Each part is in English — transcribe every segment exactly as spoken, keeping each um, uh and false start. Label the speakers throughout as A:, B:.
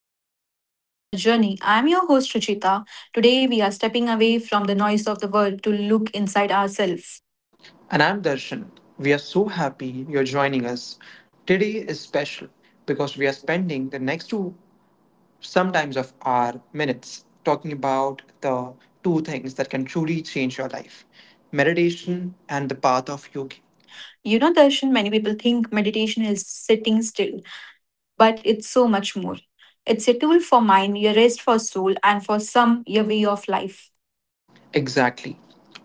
A: and welcome to the Inner Journey. I'm your host, Ruchita. Today, we are stepping away from the noise of the world to look inside ourselves.
B: And I'm Darshan. We are so happy you're joining us. Today is special because we are spending the next two, sometimes of our minutes, talking about the two things that can truly change your life meditation and the path of yogi.
A: You know, Darshan, many people think meditation is sitting still, but it's so much more. It's a tool for mind, a rest for soul, and for some, your way of life.
B: Exactly.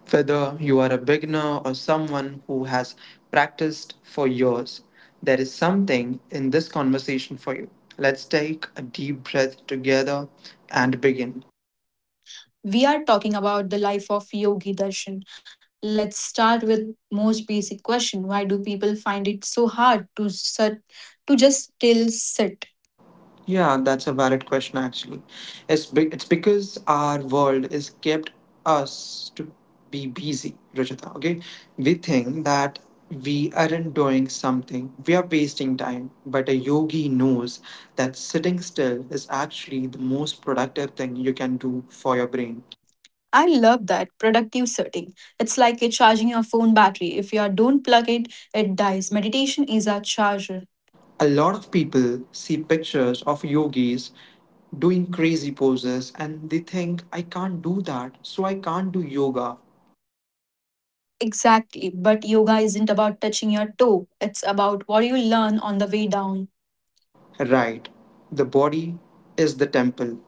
B: Whether you are a beginner or someone who has practiced for years, there is something in this conversation for you. Let's take a deep breath together and begin.
A: We are talking about the life of Yogi Darshan. Let's start with most basic question: why do people find it so hard to sit, to just still sit?
B: Yeah, that's a valid question actually. It's be- it's because our world is kept us to be busy, Rajita. Okay, we think that we aren't doing something, we are wasting time. But a yogi knows that sitting still is actually the most productive thing you can do for your brain.
A: I love that productive setting. It's like you're charging your phone battery. If you don't plug it, it dies. Meditation is our charger.
B: A lot of people see pictures of yogis doing crazy poses and they think i can't do that, so i can't do yoga.
A: Exactly. But yoga isn't about touching your toe, it's about what you learn on the way down.
B: Right. The body is the temple.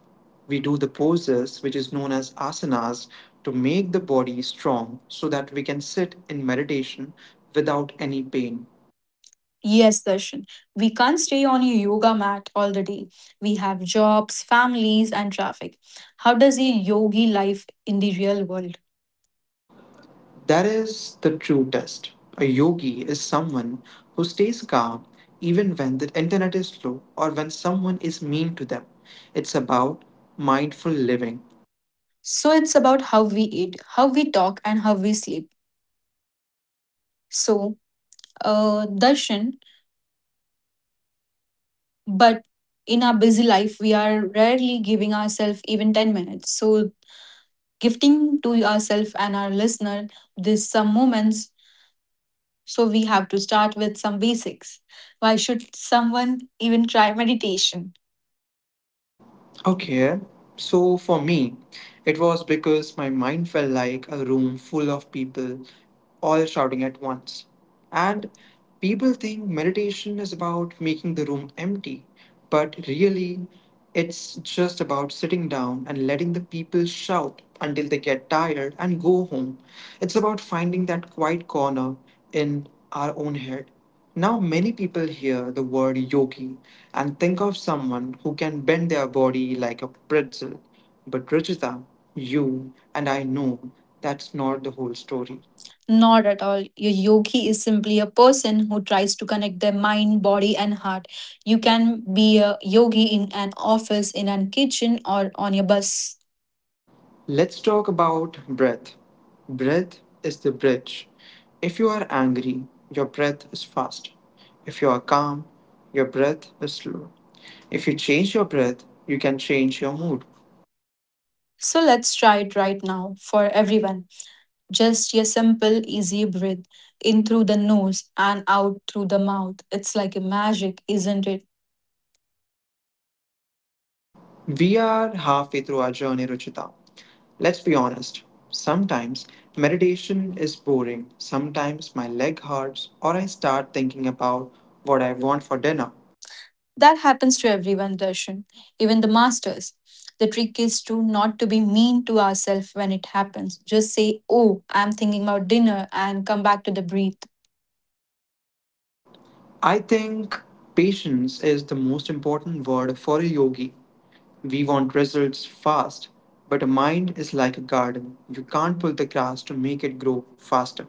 B: We do the poses, which is known as asanas, to make the body strong so that we can sit in meditation without any pain.
A: Yes, Darshan. We can't stay on your yoga mat all the day. We have jobs, families, and traffic. How does a yogi life in the real world?
B: That is the true test. A yogi is someone who stays calm even when the internet is slow or when someone is mean to them. It's about mindful living.
A: So it's about how we eat, how we talk, and how we sleep. So, uh, Darshan, but in our busy life, we are rarely giving ourselves even ten minutes. So, gifting to ourselves and our listener this some moments. So, we have to start with some basics. Why should someone even try meditation?
B: Okay, so for me, it was because my mind felt like a room full of people all shouting at once.
A: And
B: And people think meditation is about making the room empty, but really, it's just about sitting down and letting the people shout until they get tired and go home. It's about finding that quiet corner in our own head. Now, many people hear the word yogi and think of someone who can bend their body like a pretzel. But, Ruchita, you and I know that's not the whole story.
A: not at all. A yogi is simply a person who tries to connect their mind, body, and heart. You can be a yogi in an office, in a kitchen, or on your bus.
B: Let's talk about breath. Breath is the bridge. If you are angry, your breath is fast. If you are calm, your breath is slow. If you change your breath, you can change your mood.
A: So let's try it right now for everyone. Just a simple, easy breath in through the nose and out through the mouth. It's like a magic, isn't it?
B: We are halfway through our journey, Ruchita. Let's be honest. Sometimes meditation is boring. Sometimes my leg hurts or I start thinking about what I want for dinner.
A: That happens to everyone, Darshan, even the masters. The trick is to not to be mean to ourselves when it happens. Just say, "Oh, I'm thinking about dinner," and come back to the breath.
B: I think patience is the most important word for a yogi. We want results fast, but a mind is like a garden. You can't pull the grass to make it grow faster.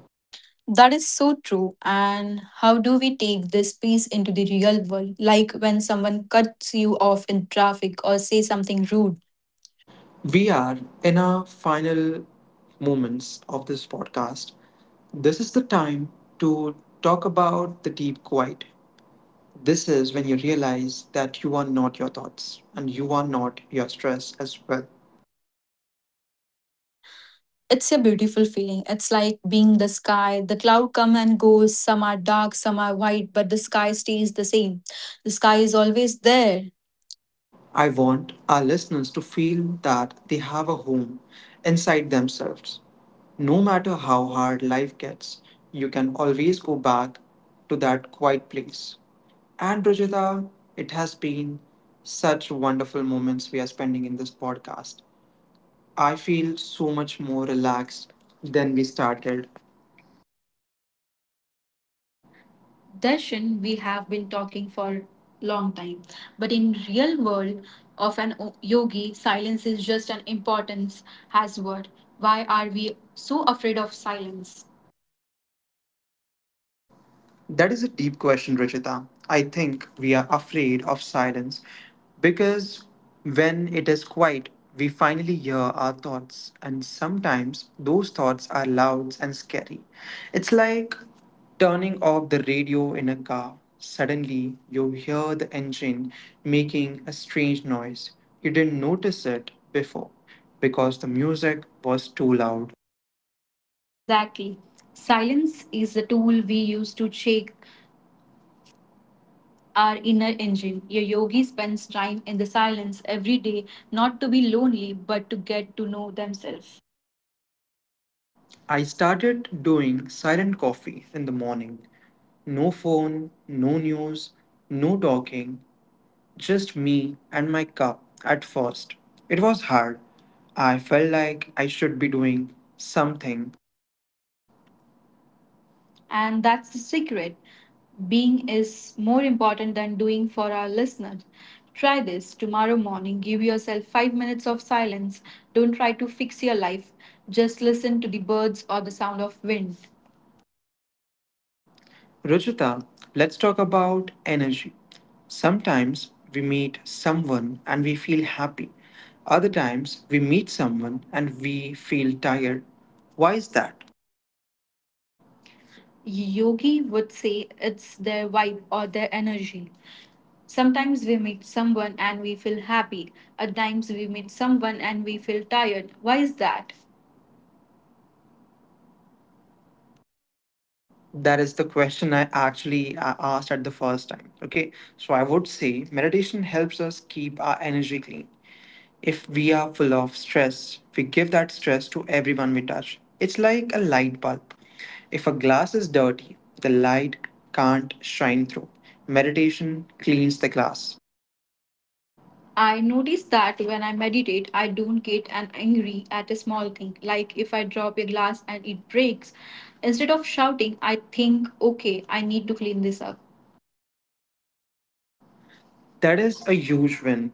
A: That is so true. And how do we take this piece into the real world? Like when someone cuts you off in traffic or say something rude.
B: We are in our final moments of this podcast. This is the time to talk about the deep quiet. This is when you realize that you are not your thoughts and you are not your stress as well.
A: It's a beautiful feeling. It's like being the sky. The cloud come and goes. Some are dark, some are white, but the sky stays the same. The sky is always there.
B: I want our listeners to feel that they have a home inside themselves. No matter how hard life gets, you can always go back to that quiet place. And Rajita, it has been such wonderful moments we are spending in this podcast. I feel so much more relaxed than we started. Darshan, we have been talking for long time, but in real world of an o- yogi, silence is just an importance has word. Why are we so afraid of silence? That is a deep question, Rachita. I think we are afraid of silence because when it is quiet, we finally hear our thoughts, and sometimes those thoughts are loud and scary. It's like turning off the radio in a car. Suddenly, you hear the engine making a strange noise. You didn't notice it before because the music was too loud. Exactly. Silence is the tool we use to check our inner engine. A yogi spends time in the silence every day, not to be lonely, but to get to know themselves. I started doing silent coffee in the morning. No phone, no news, no talking, just me and my cup at first. It was hard. I felt like I should be doing something. And that's the secret. Being is more important than doing for our listeners. Try this tomorrow morning. Give yourself five minutes of silence. Don't try to fix your life. Just listen to the birds or the sound of wind. Ruchita, let's talk about energy. Sometimes we meet someone and we feel happy. Other times we meet someone and we feel tired. Why is that? Yogi would say it's their vibe or their energy. Sometimes we meet someone and we feel happy. At times we meet someone and we feel tired. Why is that? That is the question i actually uh, asked at the first time. Okay, so I would say meditation helps us keep our energy clean. If we are full of stress, we give that stress to everyone we touch. It's like a light bulb. If a glass is dirty, the light can't shine through. Meditation cleans the glass. I notice that when I meditate, I don't get an angry at a small thing, like if I drop a glass and it breaks. Instead of shouting, I think, okay, I need to clean this up. That is a huge win.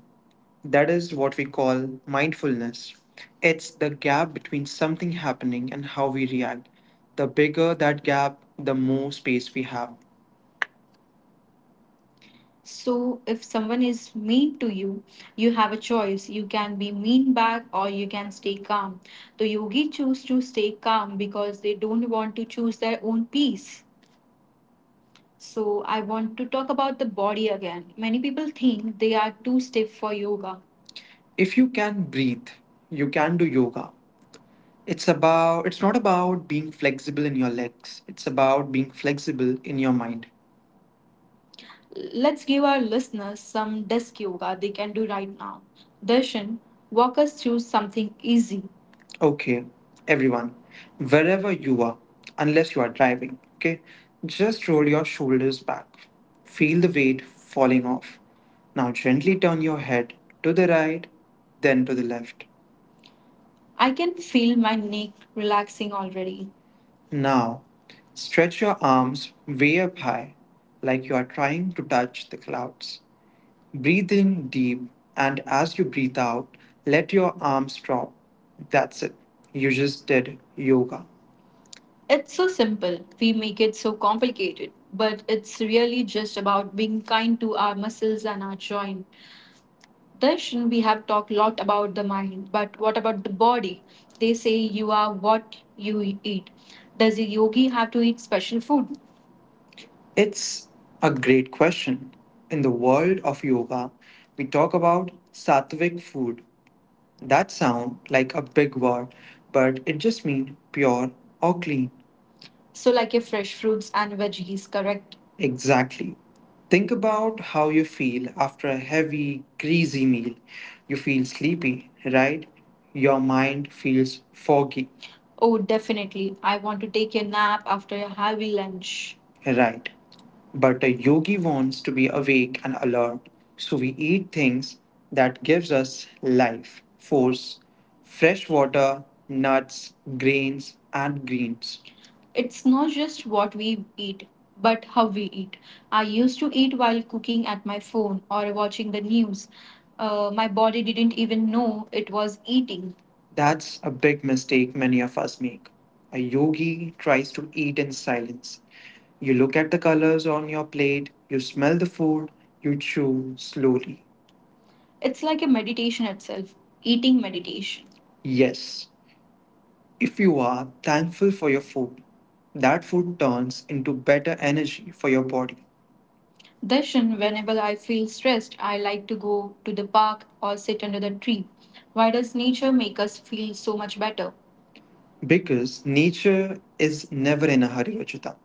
B: That is what we call mindfulness. It's the gap between something happening and how we react. The bigger that gap, the more space we have. So, if someone is mean to you, you have a choice. You can be mean back or you can stay calm. The yogi choose to stay calm because they don't want to choose their own peace. So, I want to talk about the body again. Many people think they are too stiff for yoga. If you can breathe, you can do yoga. It's about it's not about being flexible in your legs. It's about being flexible in your mind. Let's give our listeners some desk yoga they can do right now. Darshan, walk us through something easy. Okay, everyone, wherever you are, unless you are driving, okay, just roll your shoulders back. Feel the weight falling off. Now gently turn your head to the right, then to the left. I can feel my neck relaxing already. Now, stretch your arms way up high, like you are trying to touch the clouds. Breathe in deep, and as you breathe out, let your arms drop. That's it. You just did yoga. It's so simple. We make it so complicated, but it's really just about being kind to our muscles and our joint. Darshan, we have talked a lot about the mind, but what about the body? They say you are what you eat. Does a yogi have to eat special food? It's a great question. In the world of yoga, we talk about sattvic food. That sounds like a big word, but it just means pure or clean. So, like your fresh fruits and veggies, correct? Exactly. Think about how you feel after a heavy, greasy meal. You feel sleepy, right? Your mind feels foggy. Oh, definitely. I want to take a nap after a heavy lunch. Right? But a yogi wants to be awake and alert, so we eat things that gives us life, force, fresh water, nuts, grains, and greens. It's not just what we eat, but how we eat. I used to eat while cooking at my phone or watching the news. Uh, my body didn't even know it was eating. That's a big mistake many of us make. A yogi tries to eat in silence. You look at the colors on your plate, you smell the food, you chew slowly. It's like a meditation itself, eating meditation. Yes, if you are thankful for your food, that food turns into better energy for your body. Darshan, whenever I feel stressed, I like to go to the park or sit under the tree. Why does nature make us feel so much better? Because nature is never in a hurry, Achita.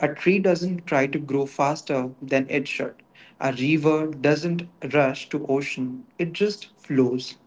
B: A tree doesn't try to grow faster than it should. A river doesn't rush to ocean. It just flows.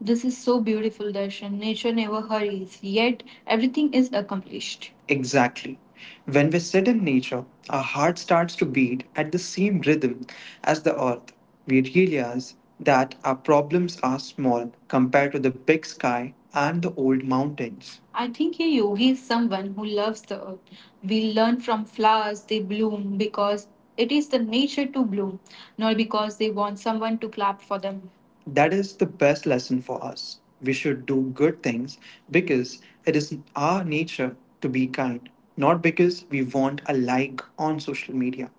B: This is so beautiful, Darshan. Nature never hurries, yet everything is accomplished. Exactly. When we sit in nature, our heart starts to beat at the same rhythm as the earth. We realize that our problems are small compared to the big sky and the old mountains. I think a yogi is someone who loves the earth. We learn from flowers, they bloom because it is the nature to bloom, not because they want someone to clap for them. That is the best lesson for us. We should do good things because it is our nature to be kind, not because we want a like on social media.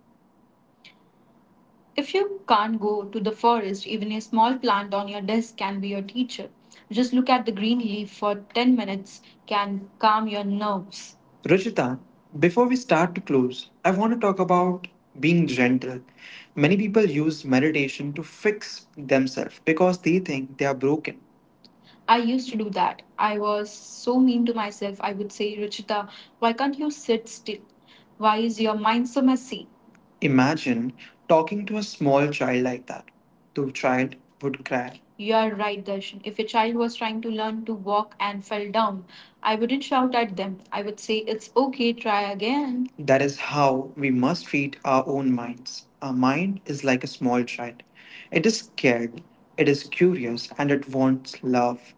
B: If you can't go to the forest, even a small plant on your desk can be your teacher. Just look at the green leaf for ten minutes can calm your nerves. Ruchita, before we start to close, I want to talk about being gentle. Many people use meditation to fix themselves because they think they are broken. I used to do that. I was so mean to myself. I would say, Ruchita, why can't you sit still? Why is your mind so messy? Imagine talking to a small child like that. The child would cry. You are right, Darshan. If a child was trying to learn to walk and fell down, I wouldn't shout at them. I would say, it's okay, try again. That is how we must treat our own minds. Our mind is like a small child. It is scared, it is curious, and it wants love.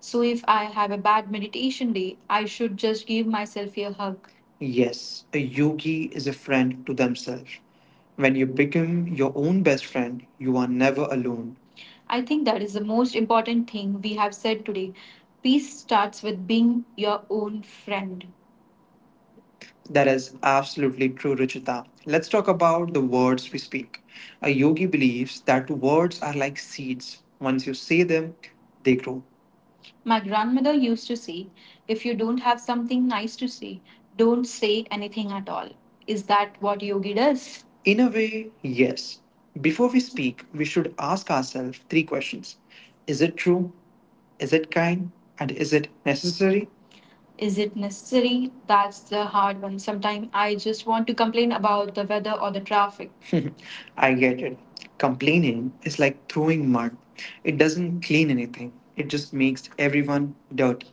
B: So if I have a bad meditation day, I should just give myself a hug. Yes, a yogi is a friend to themselves. When you become your own best friend, you are never alone. I think that is the most important thing we have said today. Peace starts with being your own friend. That is absolutely true, Ruchita. Let's talk about the words we speak. A yogi believes that words are like seeds. Once you say them, they grow. My grandmother used to say, if you don't have something nice to say, don't say anything at all. Is that what yogi does? In a way, yes. Before we speak, we should ask ourselves three questions. Is it true? Is it kind? And is it necessary? Is it necessary? That's the hard one. Sometimes I just want to complain about the weather or the traffic. I get it. Complaining is like throwing mud. It doesn't clean anything, it just makes everyone dirty.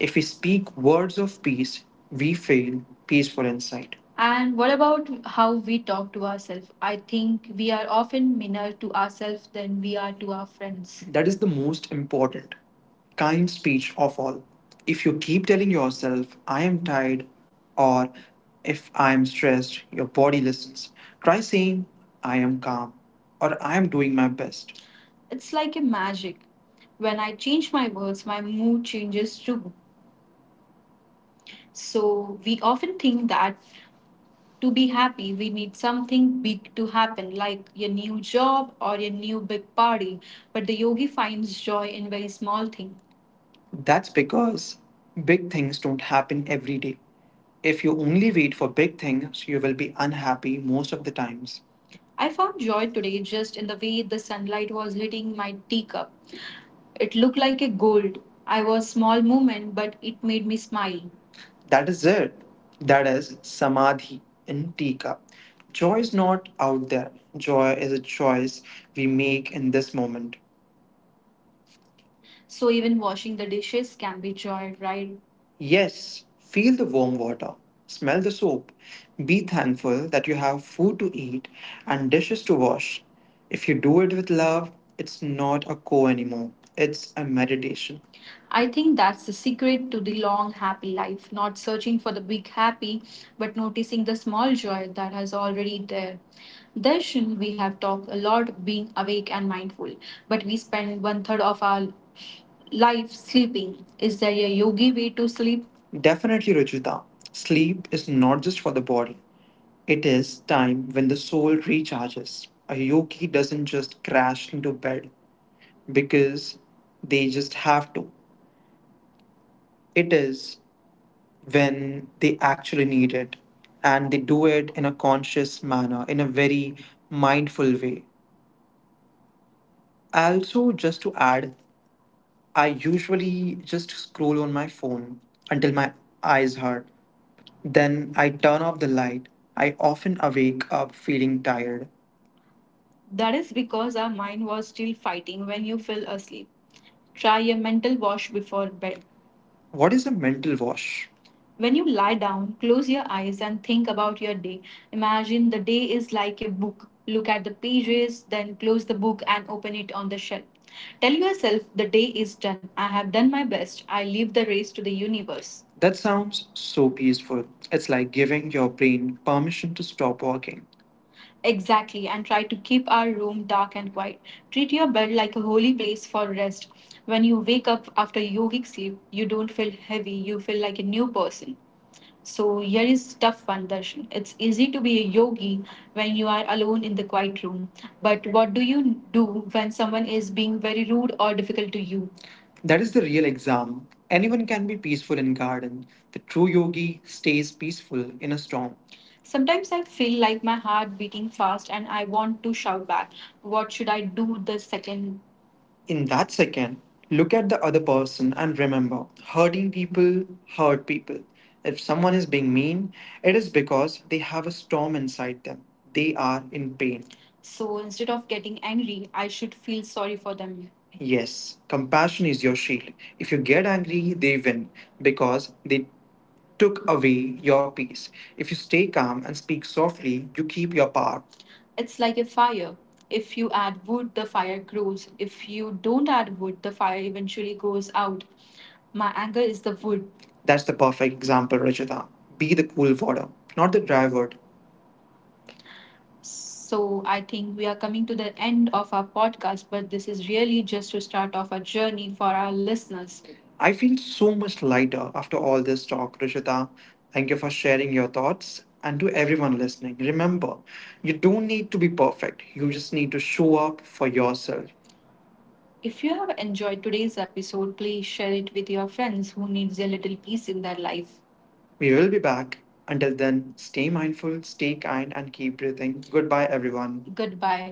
B: If we speak words of peace, we feel peaceful inside. And what about how we talk to ourselves? I think we are often meaner to ourselves than we are to our friends. That is the most important kind speech of all. If you keep telling yourself, I am tired, or if I am stressed, your body listens. Try saying, I am calm, or I am doing my best. It's like a magic. When I change my words, my mood changes too. So we often think that to be happy, we need something big to happen, like your new job or your new big party. But the yogi finds joy in very small things. That's because big things don't happen every day. If you only wait for big things, you will be unhappy most of the times. I found joy today just in the way the sunlight was hitting my teacup. It looked like a gold. I was small movement, but it made me smile. That is it. That is samadhi in teacup. Joy is not out there. Joy is a choice we make in this moment. So even washing the dishes can be joy, right? Yes, feel the warm water, smell the soap, be thankful that you have food to eat and dishes to wash. If you do it with love, it's not a chore anymore, it's a meditation. I think that's the secret to the long, happy life. Not searching for the big happy, but noticing the small joy that has already there. Darshan, we have talked a lot being awake and mindful, but we spend one third of our life sleeping. Is there a yogi way to sleep? Definitely, Ruchita. Sleep is not just for the body, it is time when the soul recharges. A yogi doesn't just crash into bed because they just have to. It is when they actually need it, and they do it in a conscious manner, in a very mindful way. Also, just to add, I usually just scroll on my phone until my eyes hurt. Then I turn off the light. I often awake up feeling tired. That is because our mind was still fighting when you fell asleep. Try a mental wash before bed. What is a mental wash? When you lie down, close your eyes and think about your day. Imagine the day is like a book. Look at the pages, then close the book and open it on the shelf. Tell yourself the day is done. I have done my best. I leave the race to the universe. That sounds so peaceful. It's like giving your brain permission to stop working. Exactly, and try to keep our room dark and quiet. Treat your bed like a holy place for rest. When you wake up after yogic sleep, you don't feel heavy, you feel like a new person. So here is tough one, Darshan. It's easy to be a yogi when you are alone in the quiet room. But what do you do when someone is being very rude or difficult to you? That is the real exam. Anyone can be peaceful in garden. The true yogi stays peaceful in a storm. Sometimes I feel like my heart beating fast and I want to shout back. What should I do the second in that second, look at the other person and remember hurting people hurt people. If someone is being mean, it is because they have a storm inside them. They are in pain. So instead of getting angry, I should feel sorry for them. Yes, compassion is your shield. If you get angry, they win because they took away your peace. If you stay calm and speak softly, you keep your power. It's like a fire. If you add wood, the fire grows. If you don't add wood, the fire eventually goes out. My anger is the wood. That's the perfect example, Rajita. Be the cool water, not the dry wood. So I think we are coming to the end of our podcast, but this is really just to start off a journey for our listeners. I feel so much lighter after all this talk, Rishita. Thank you for sharing your thoughts. And to everyone listening, remember, you don't need to be perfect. You just need to show up for yourself. If you have enjoyed today's episode, please share it with your friends who needs a little peace in their life. We will be back. Until then, stay mindful, stay kind, and keep breathing. Goodbye, everyone. Goodbye.